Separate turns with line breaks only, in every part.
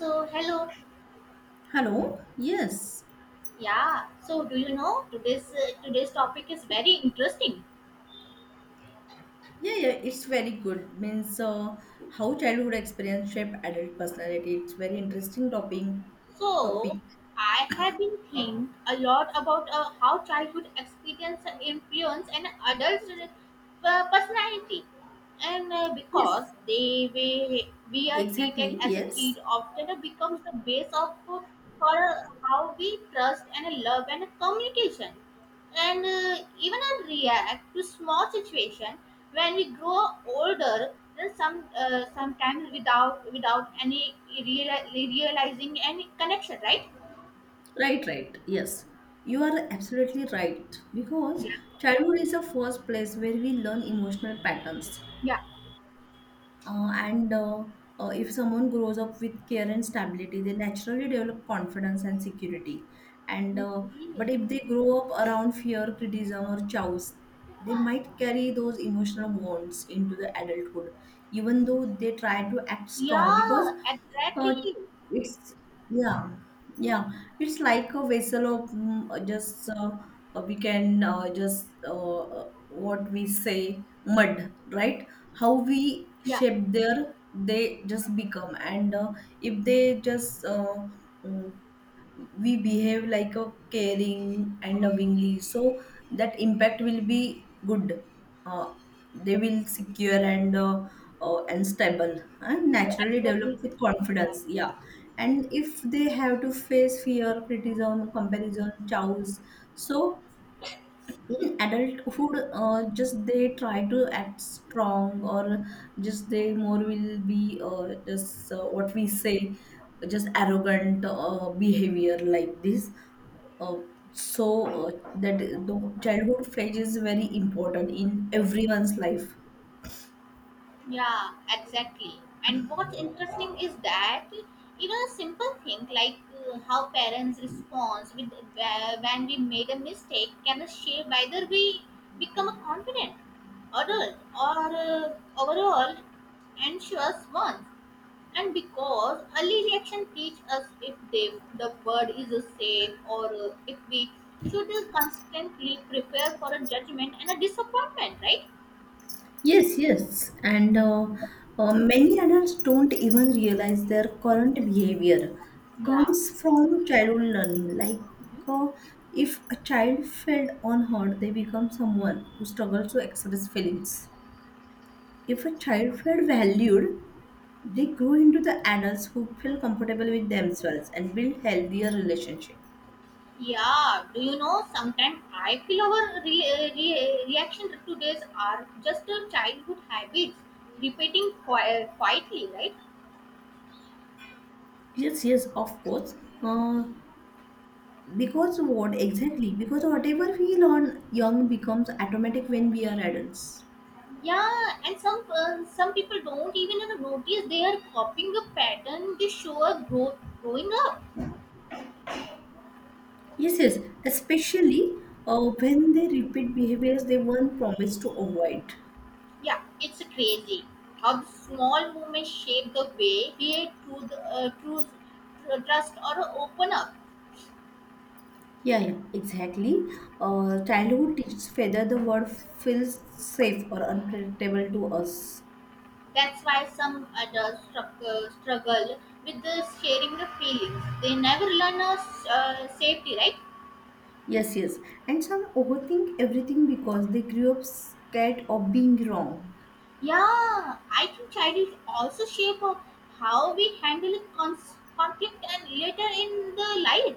So hello,
Hello. Yes.
yeah. So do you know today's topic is very interesting.
Yeah, yeah, it's very good. Means how childhood experience shape adult personality. It's very interesting topic.
So
Topic.
I have been thinking a lot about how childhood experience influence an adult's personality, and because
Yes.
we are treated
Exactly.
as a kid
Yes.
often becomes the base of for how we trust and love and communication. And even I react to small situation when we grow older then sometimes without any realizing any connection, right?
Right. Right. Yes. You are absolutely right because
Yeah.
childhood is the first place where we learn emotional patterns.
Yeah.
And If someone grows up with care and stability, they naturally develop confidence and security. And But if they grow up around fear, criticism, or chows, they might carry those emotional wounds into the adulthood, even though they try to act strong. Because
Yeah,
uh,
exactly.
it's yeah, yeah, it's like a vessel of mm, just we can, just what we say, mud, right? How we
Yeah,
shape their, they just become. And if they just mm, we behave like a caring and lovingly, so that impact will be good. uh, they will secure and stable and
you
naturally develop
absolutely.
with
Yeah.
confidence, yeah. And if they have to face fear, criticism, comparison, chows, so in adulthood just they try to act strong, or just they more will be just what we say, just arrogant behavior like this. uh, so uh, that the childhood phase is very important in everyone's life.
Yeah, exactly. And what's interesting is that even a simple thing like how parents respond with when we made a mistake can shape whether we become a confident adult or overall anxious ones. And because early reaction teach us if they, the word is safe or if we should constantly prepare for a judgment and a disappointment, right?
Yes, yes. And Many adults don't even realize their current behavior
Yeah.
comes from childhood learning. Like, uh, if a child felt unheard, they become someone who struggles to express feelings. If a child felt valued, they grow into the adults who feel comfortable with themselves and build healthier relationships.
Yeah, do you know? Sometimes I feel our reaction to this are just childhood habits, repeating quietly, right?
Yes, yes, of course. Uh, Because what exactly? Because whatever we learn young becomes automatic when we are adults.
Yeah, and some people don't even notice they are copying a pattern they show us growing up.
Yes, yes, especially when they repeat behaviors they weren't promised to avoid.
Yeah, it's crazy how the small moments shape the way we choose, trust, or open up.
Yeah, yeah, exactly. Childhood teaches whether the world feels safe or unpredictable to us.
That's why some adults struggle with the sharing the feelings. They never learn a safety, right?
Yes, yes. And some overthink everything because they grew up scared of being wrong.
Yeah, I think childhood also shape of how we handle conflict and later in the life.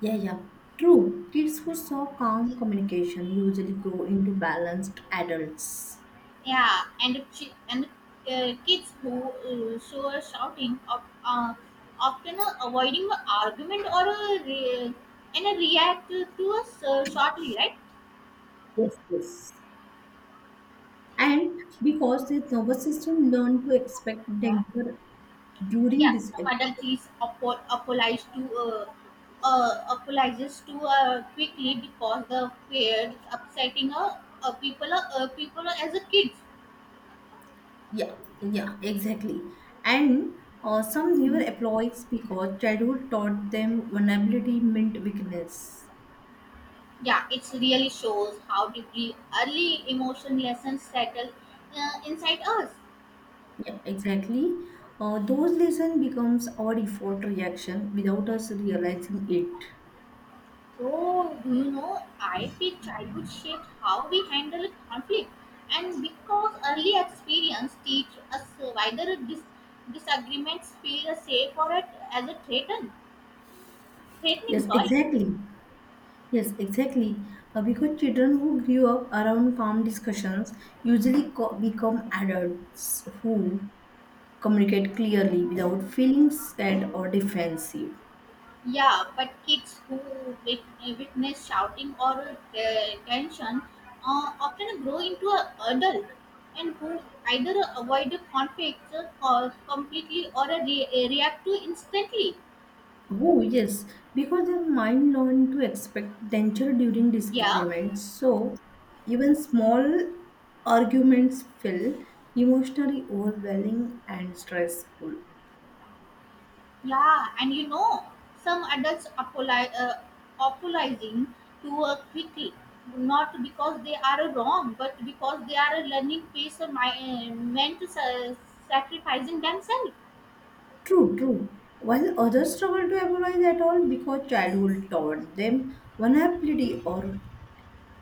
Yeah, yeah. True. Kids who saw calm communication usually grow into balanced adults.
Yeah, and kids who show a shouting of often avoiding an argument or a re- and react to us shortly, right?
Yes, yes. And because their nervous system learned to expect danger during
Yeah,
this.
some adult is apologizes to quickly because the fear upsetting people as a kids.
Yeah, yeah, exactly. And some never employees because childhood taught them vulnerability meant weakness.
Yeah, it really shows how deeply early emotion lessons settle inside us.
Yeah, exactly. Those lesson becomes our default reaction without us realizing it.
So do you know? I feel childhood shaped how we handle conflict, and because early experience teach us whether disagreements feel safe or as a threat.
Yes,
Threatening, sorry.
exactly. Yes, exactly. Because children who grew up around calm discussions usually become adults who communicate clearly without feeling scared or defensive.
Yeah, but kids who witness shouting or tension often grow into an adult and who either avoid the conflict or completely or react to instantly.
Oh, yes, because their mind learned to expect danger during
Yeah,
disagreements. So, even small arguments feel emotionally overwhelming and stressful.
yeah, and you know, some adults apologizing to quickly, not because they are wrong, but because they are learning pace meant to sacrificing themselves.
True, true. While others struggle to memorize at all because childhood taught them vulnerability or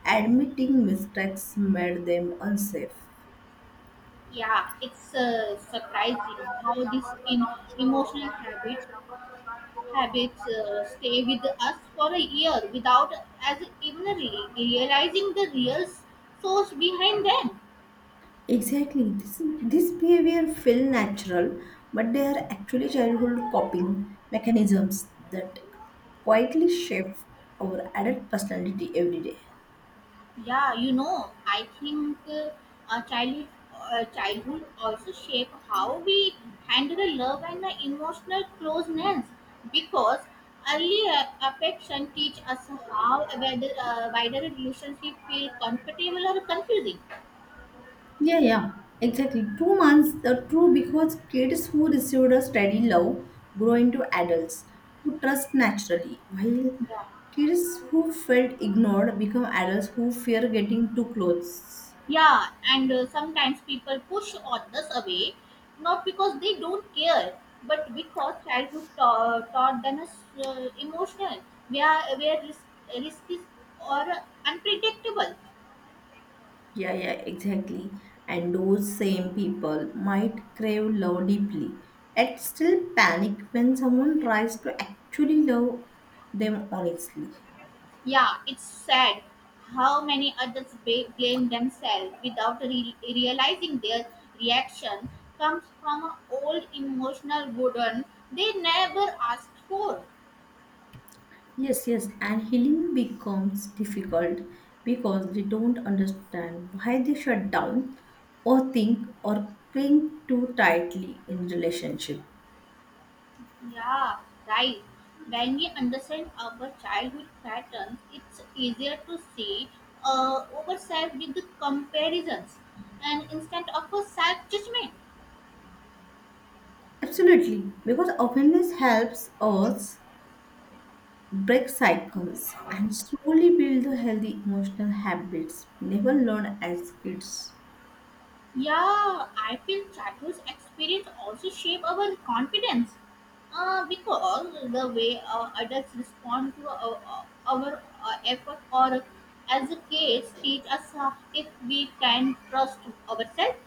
admitting mistakes made them unsafe.
Yeah, it's surprising how these in emotional habit, habits stay with us for a year without as even realizing the real source behind them.
Exactly. This behavior feel natural, but they are actually childhood coping mechanisms that quietly shape our adult personality every day.
Yeah, you know, I think our childhood also shape how we handle love and the emotional closeness because early affection teach us how whether wider relationship feel comfortable or confusing.
Yeah, yeah, exactly. 2 months, the true, because kids who received a steady love grow into adults who trust naturally, while
Yeah,
kids who felt ignored become adults who fear getting too close.
yeah, and sometimes people push authors away, not because they don't care, but because childhood taught them as emotional. We are risky or unpredictable.
Yeah, yeah, exactly. And those same people might crave love deeply, yet still panic when someone tries to actually love them honestly.
Yeah, it's sad how many adults blame themselves without realizing their reaction comes from an old emotional burden they never asked for.
Yes, yes, and healing becomes difficult because they don't understand why they shut down or think or cling too tightly in relationship.
Yeah, right. When we understand our childhood patterns, it's easier to see ourselves with the comparisons and instead of a self judgment.
Absolutely, because awareness helps us break cycles and slowly build the healthy emotional habits never learned as kids.
Yeah, I feel childhood experience also shape our confidence because the way our adults respond to our effort or as a kids teach us if we can trust ourselves.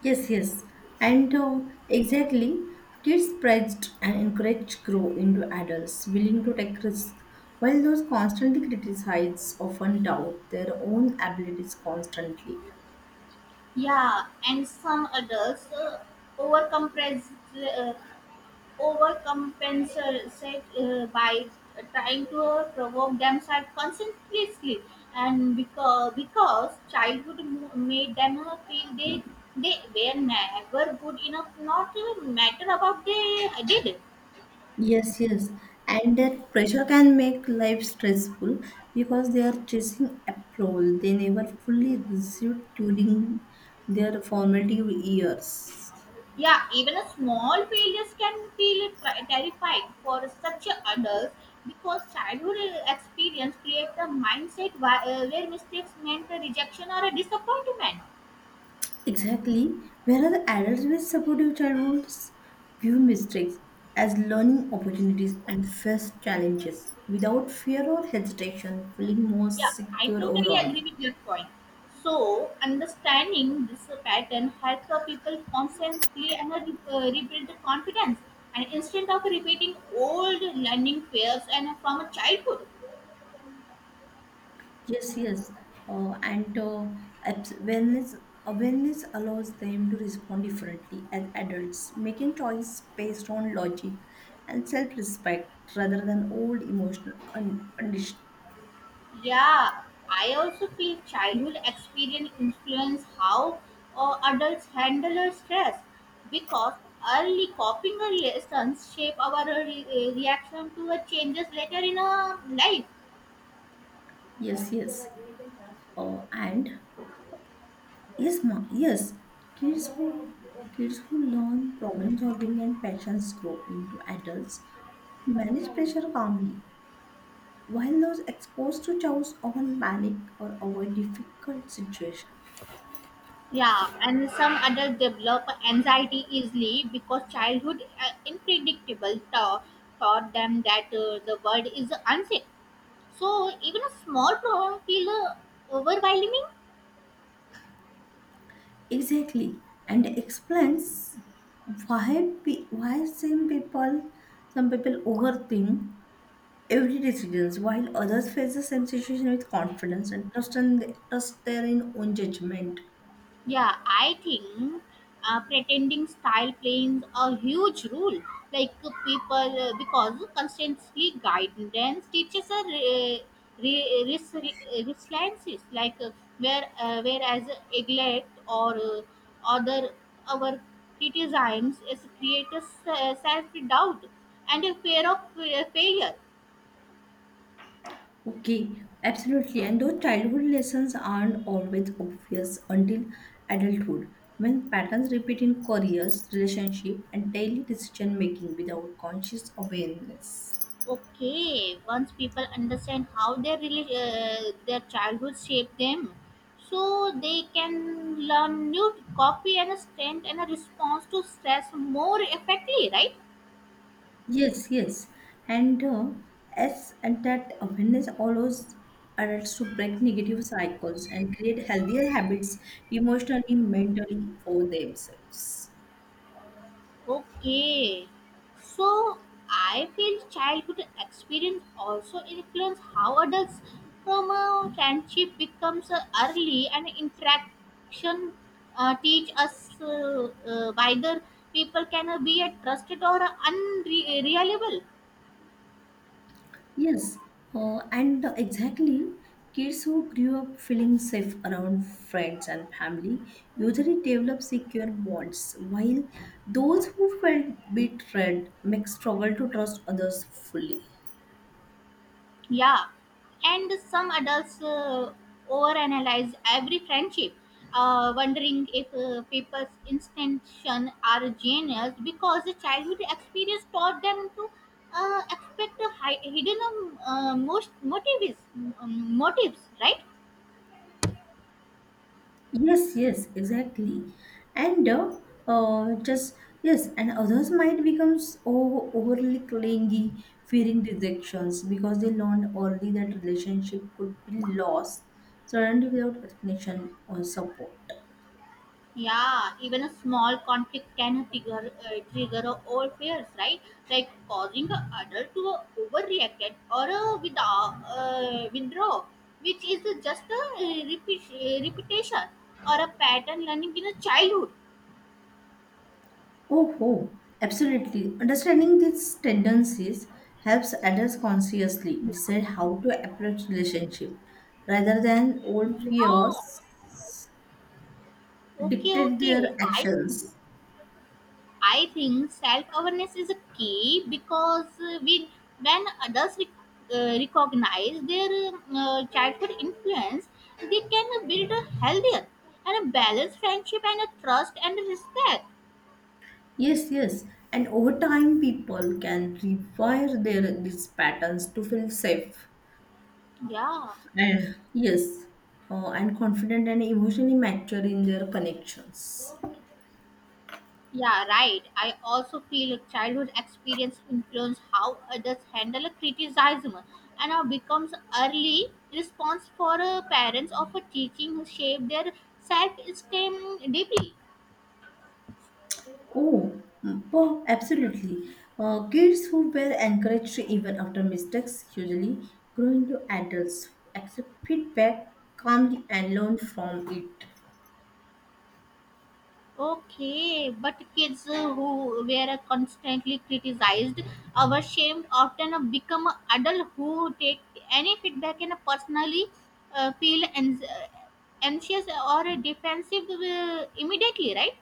Yes, yes, and exactly. Kids praised and encouraged grow into adults willing to take risks, while those constantly criticized often doubt their own abilities constantly.
Yeah, and some adults overcompens- uh, overcompensate by trying to provoke themselves constantly, and because childhood made them feel they were never good enough, not to matter about they did.
Yes, yes, and that pressure can make life stressful because they are chasing approval they never fully received during their formative years.
Yeah, even a small failures can feel terrifying for such adults because childhood experience creates a mindset where mistakes meant a rejection or a disappointment.
Exactly. Whereas adults with supportive childhoods view mistakes as learning opportunities and face challenges without fear or hesitation, feeling more
Yeah, I
secure
totally
overall.
agree with your point. So, understanding this pattern helps the people constantly and rebuild the confidence. And instead of repeating old learning fails and from a childhood.
Yes, yes. Uh, and uh, abs- awareness, Awareness allows them to respond differently as adults, making choice based on logic and self respect rather than old emotional condition.
Yeah, I also feel childhood experience influence how adults handle our stress because early coping lessons shape our reaction to our changes later in our life.
Yes, yes. And Yes, ma. Yes, Kids who learn problem solving and passions grow into adults who manage pressure calmly, while those exposed to chaos often panic or avoid difficult situations.
Yeah, and some adults develop anxiety easily because childhood unpredictable taught them that the world is unsafe. So even a small problem feel overwhelming.
Exactly, and explains why same people, some people overthink every decisions while others face the same situation with confidence and trust in trust their in own judgment.
Yeah, I think pretending style plays a huge role. Like because constantly guidance teaches a resiliences. Like whereas neglect or other our criticisms is creates self doubt and a fear of failure.
Okay, absolutely. And though childhood lessons aren't always obvious until adulthood, when patterns repeat in careers, relationship, and daily decision making without conscious awareness.
Okay, once people understand how their their childhood shaped them, so they can learn new to copy and strength and a response to stress more effectively, right?
Yes, yes. And uh, and that awareness allows adults to break negative cycles and create healthier habits emotionally, mentally for themselves.
Okay, so I feel childhood experience also influence how adults from a friendship becomes early and interaction teach us whether people can be a trusted or unreliable.
Yes, and exactly, kids who grew up feeling safe around friends and family usually develop secure bonds, while those who felt betrayed may struggle to trust others fully.
Yeah, and some adults overanalyze every friendship, wondering if people's intentions are genius because the childhood experience taught them to expect a hidden most motives, motives, right?
Yes, yes, exactly. And just Yes, and others might become overly clingy, fearing rejections because they learned early that relationship could be lost suddenly without explanation or support.
Yeah, even a small conflict can trigger all fears, right? Like causing the adult to overreact or withdraw, which is just a repetition or a pattern learning in a childhood.
Oh, oh, absolutely. Understanding these tendencies helps adults consciously decide how to approach relationship rather than old
Yeah.
fears
Okay,
dictate
okay.
their
I think
actions.
I think self awareness is a key because when others recognize their childhood influence, they can build a healthier and a balanced friendship and a trust and respect.
Yes, yes. And over time, people can rewire their these patterns to feel safe
Yeah,
and yes, and confident and emotionally mature in their connections.
yeah, right. I also feel childhood experience influence how others handle a criticism and how becomes early response for parents of a teaching shape their self esteem deeply.
Absolutely. Kids who were encouraged even after mistakes usually grow into adults who accept feedback calmly and learn from it.
Okay, but kids who were constantly criticized or often become adults who take any feedback and personally feel anxious or defensive immediately, right?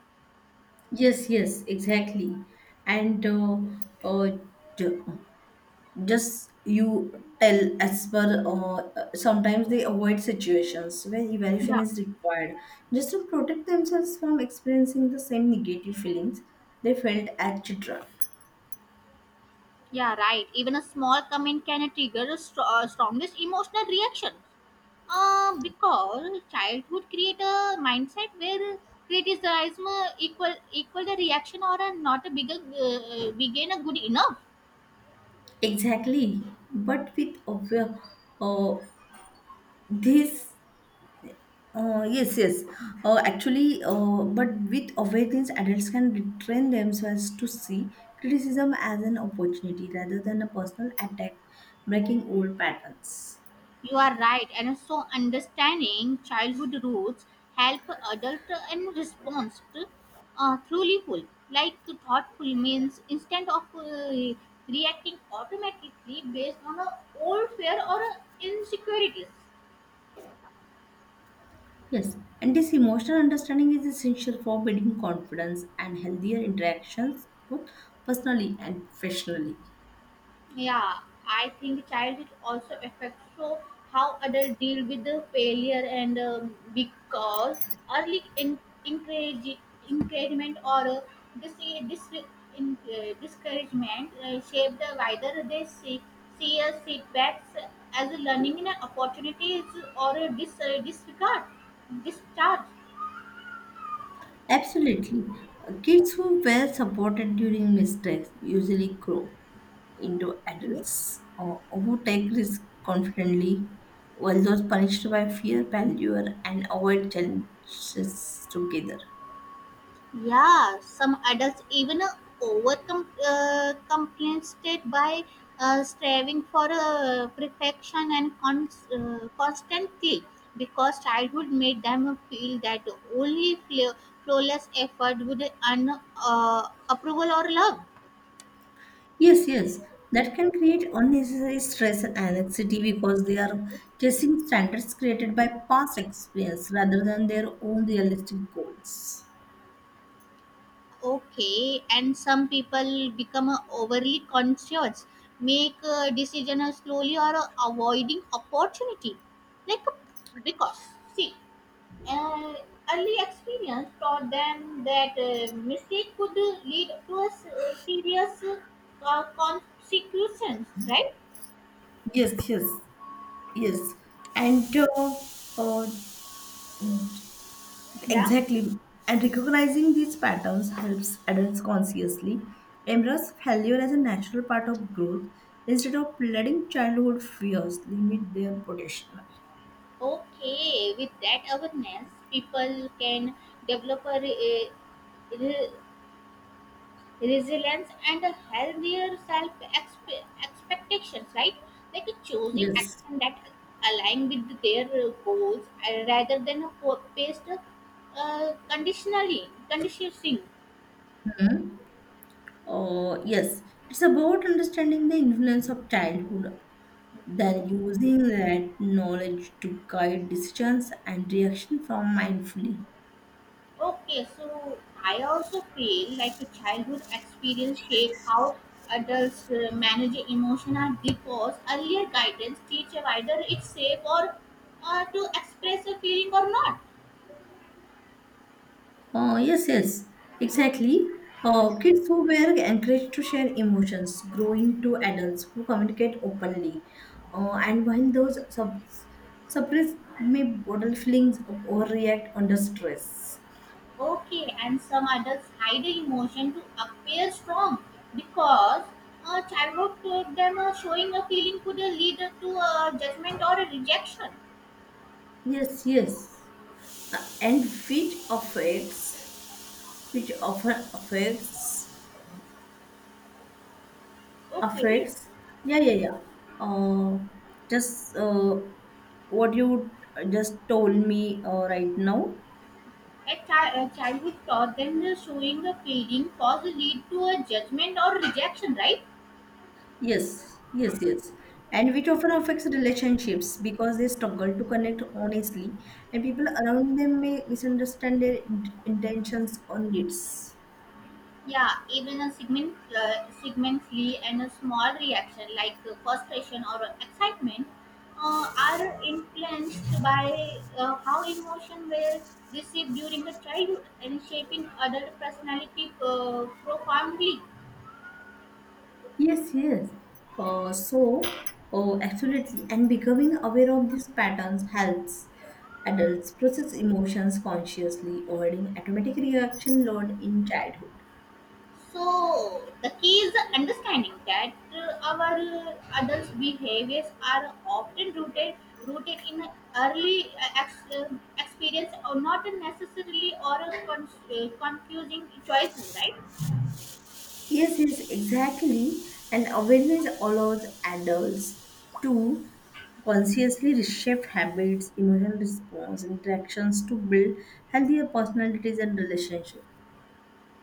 Yes, yes, exactly. And uh, ju- just you tell as per Sometimes they avoid situations where evaluation
Yeah,
is required just to protect themselves from experiencing the same negative feelings they felt as children.
yeah, right. Even a small comment can trigger the strongest emotional reaction. Because childhood create a mindset where criticism equal the reaction or a not a bigger begin a good enough.
Exactly, but with obvi- uh, this yes yes actually but with awareness adults can retrain themselves to see criticism as an opportunity rather than a personal attack, breaking old patterns.
You are right, and so understanding childhood roots help adult and response to, truly full. Like thoughtful means instead of reacting automatically based on a old fear or insecurities.
Yes, and this emotional understanding is essential for building confidence and healthier interactions both personally and professionally.
Yeah, I think childhood also affects so how adults deal with the failure and because early in, encourage, encouragement or dis, dis, discouragement shape the wider see as setbacks as a learning and opportunities or a discharge.
Absolutely. Kids who were supported during mistakes usually grow into adults or who take risks confidently, while those punished by fear, failure, and avoid challenges together.
Yeah, some adults even overcome compensated by striving for perfection and constantly because childhood made them feel that only flawless effort would earn approval or love.
Yes, yes, that can create unnecessary stress and anxiety because they are chasing standards created by past experience rather than their own realistic goals.
Okay, and some people become overly conscious, make decisions slowly or avoiding opportunity, like because see uh, early experience taught them that mistake could lead to a serious consequences, right?
Yes, yes, yes. And uh,
Yeah.
Exactly. And recognizing these patterns helps adults consciously embrace failure as a natural part of growth instead of letting childhood fears limit their potential.
Okay, with that awareness people can develop a resilience and a healthier self expectations, right? Like choosing
Yes.
action that align with their goals rather than a based conditionally conditioning.
Yes. It's about understanding the influence of childhood,
Okay.
then using that knowledge to guide decisions and reaction from mindfully.
Okay, so I also feel like the childhood experience shape how adults manage emotional because earlier guidance teacher either it's safe or to express a feeling or not.
Yes, yes, exactly. Kids who were encouraged to share emotions, growing to adults who communicate openly. And while those suppress may bottle feelings or react under stress.
Okay, and some adults hide the emotion to appear strong because childhood taught them showing a feeling could lead to a judgment or a rejection.
Yes, yes. Uh, and which affects, which often affects,
Okay,
affects, yeah, yeah, yeah. Uh, just What you just told me right now.
a a childhood thought, then showing a pleading cause lead to a judgment or rejection, right?
Yes, yes, yes. And which often affects relationships because they struggle to connect honestly, and people around them may misunderstand their intentions or needs.
Yeah, even a segmentally and a small reaction like frustration or excitement are influenced by how emotion were received during the childhood and shaping adult personality profoundly.
Yes, yes. Uh, so, oh, absolutely. And becoming aware of these patterns helps adults process emotions consciously, avoiding automatic reaction learned in childhood.
So the key is understanding that our adults' behaviors are often rooted in early experience or not necessarily or a confusing choices, right?
Yes, yes, exactly. And awareness allows adults to consciously reshape habits, emotional response, interactions to build healthier personalities and relationships.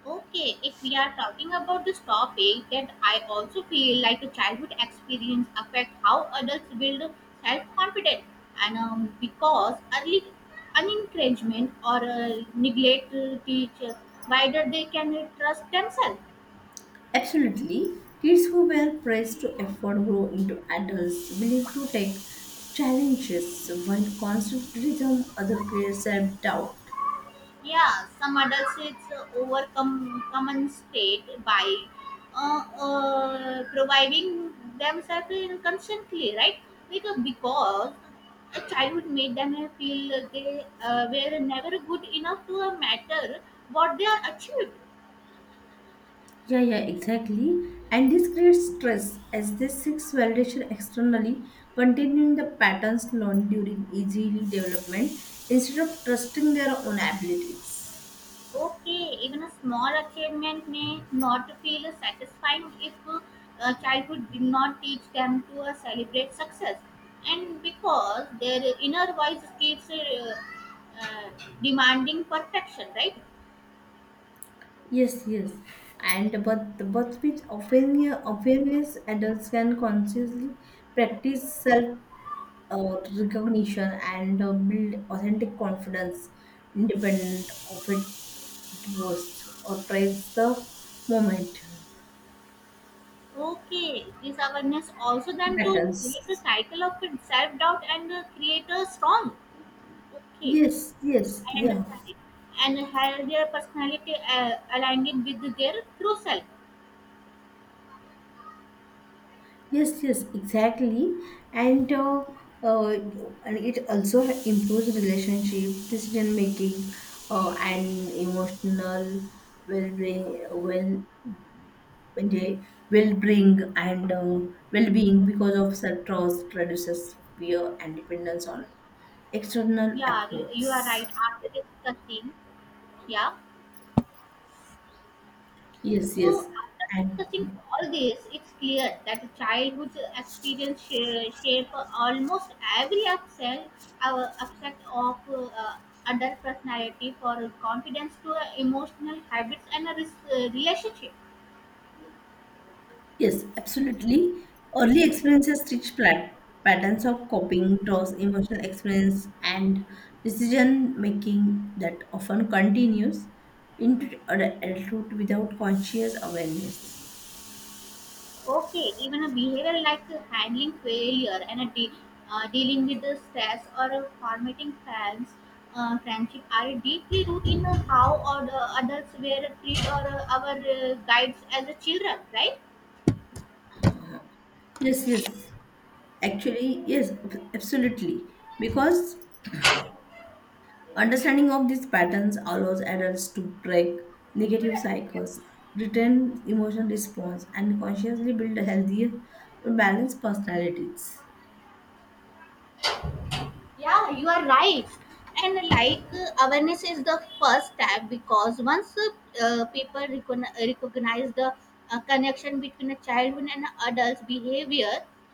Okay, if we are talking about this topic, that I also feel like a childhood experience affect how adults build self-confidence, and because early unencouragement or neglect to whether they can trust themselves.
Absolutely. Kids who were praised to effort grow into adults willing to take challenges while constant criticism other creates self doubt.
Yeah, some adults it's overcome common state by providing themselves in constantly, right? Because a childhood made them feel they were never good enough to matter what they are achieved.
Yeah, yeah, exactly. And this creates stress as they seeks validation externally, continuing the patterns learned during early development instead of trusting their own abilities.
Okay, even a small achievement may not feel satisfying if childhood did not teach them to celebrate success. And because their inner voice keeps uh, demanding perfection, right?
Yes, yes. And but with often awareness, adults can consciously practice self recognition and build authentic confidence, independent of it was or praise the moment.
Okay, this awareness also then to break the
Matters.
cycle of self doubt and create a strong. Okay,
Yes, yes,
I
yeah.
understand it. And a healthier personality aligned with their true self.
Yes, yes, exactly. And uh, and it also improves relationship, decision making, and emotional well being. Well, when they well bring and well being because of self trust reduces fear and dependence on external
Yeah, you are right.
applause.
After discussing, yeah.
Yes,
So
yes,
after discussing
and
all this, it's clear that childhood experience shape almost every aspect of adult personality, for confidence to emotional habits and a relationship.
yes, absolutely. Early experiences teach patterns of coping, trust, emotional experience, and decision making that often continues into adulthood without conscious awareness.
Okay, even a behavior like handling failure and a dealing with the stress or formatting plans, friendship are deeply rooted in how or the adults were treat or our guides as a children, right?
Yes, yes. Actually, yes, absolutely. Because understanding of these patterns allows adults to break negative
Right.
cycles, return emotional response, and consciously build healthier, balanced personalities.
Yeah, you are right. And like awareness is the first step because once people recognize the connection between a childhood and adult's behavior,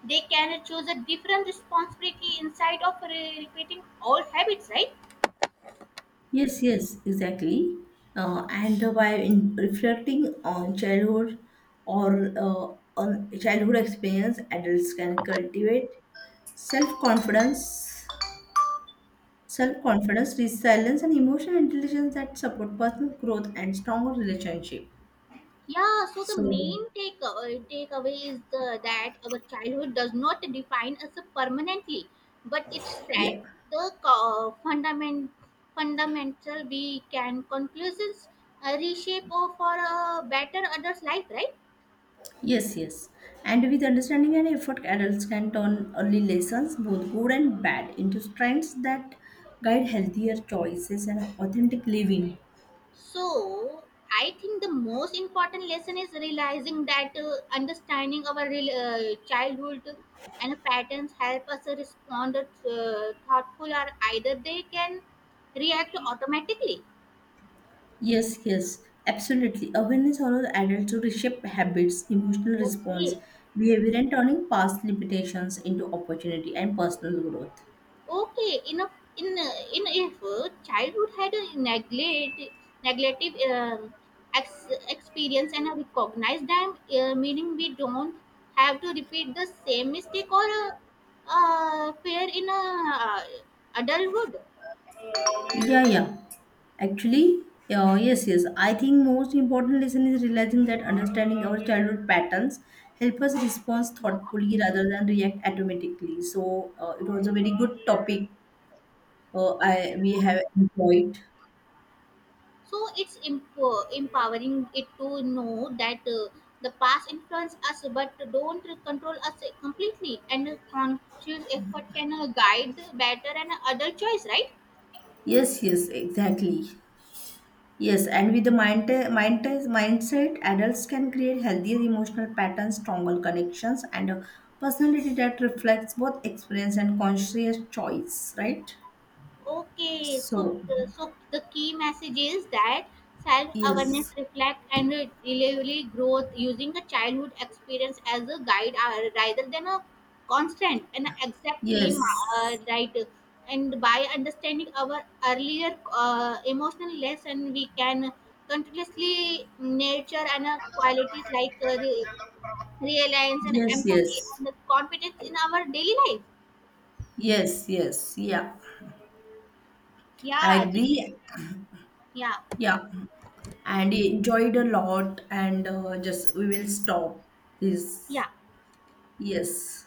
they can choose a different responsibility inside of repeating old habits, right?
Yes, yes, exactly. And by in reflecting on childhood or on childhood experience, adults can cultivate self-confidence, self-confidence, resilience, and emotional intelligence that support personal growth and stronger relationship.
Yeah, so the
So,
main takeaway is that our childhood does not define us permanently, but it
yeah.
set the fundamental we can conclusions reshape of for a better adult life, right?
Yes, yes. And with understanding and effort, adults can turn early lessons, both good and bad, into strengths that guide healthier choices and authentic living.
So, I think the most important lesson is realizing that understanding our childhood and patterns help us respond thoughtful or either they can react automatically.
Yes, yes, absolutely. Awareness allows adults to reshape habits, emotional response,
Okay.
behavior, and turning past limitations into opportunity and personal growth.
Okay, in a, in if childhood had a neglect negative experience and I recognize them, meaning we don't have to repeat the same mistake or fear in a uh, adulthood.
Yeah, yeah. Actually, yes, yes. I think most important lesson is realizing that understanding our childhood patterns help us respond
Yeah.
thoughtfully rather than react automatically. So it was a very good topic. I
Yeah.
we have enjoyed.
So it's empowering it to know that the past influence us but don't control us completely and conscious effort can guide better and adult choice, right?
Yes, yes, exactly. Yes, and with the mind, mindset, adults can create healthier emotional patterns, stronger connections, and a personality that reflects both experience and conscious choice, right?
Okay, so
So,
so the key message is that self-awareness,
yes,
reflect, and reliably growth using the childhood experience as a guide rather than a constant and exactly
yes,
right. And by understanding our earlier emotional lesson, we can continuously nurture and qualities like reliance and
yes,
empathy
yes,
and confidence in our daily life.
yes, yes, yeah. I
Yeah, just,
agree.
yeah,
Yeah, and enjoyed a lot, and just we will stop this.
yeah.
Yes.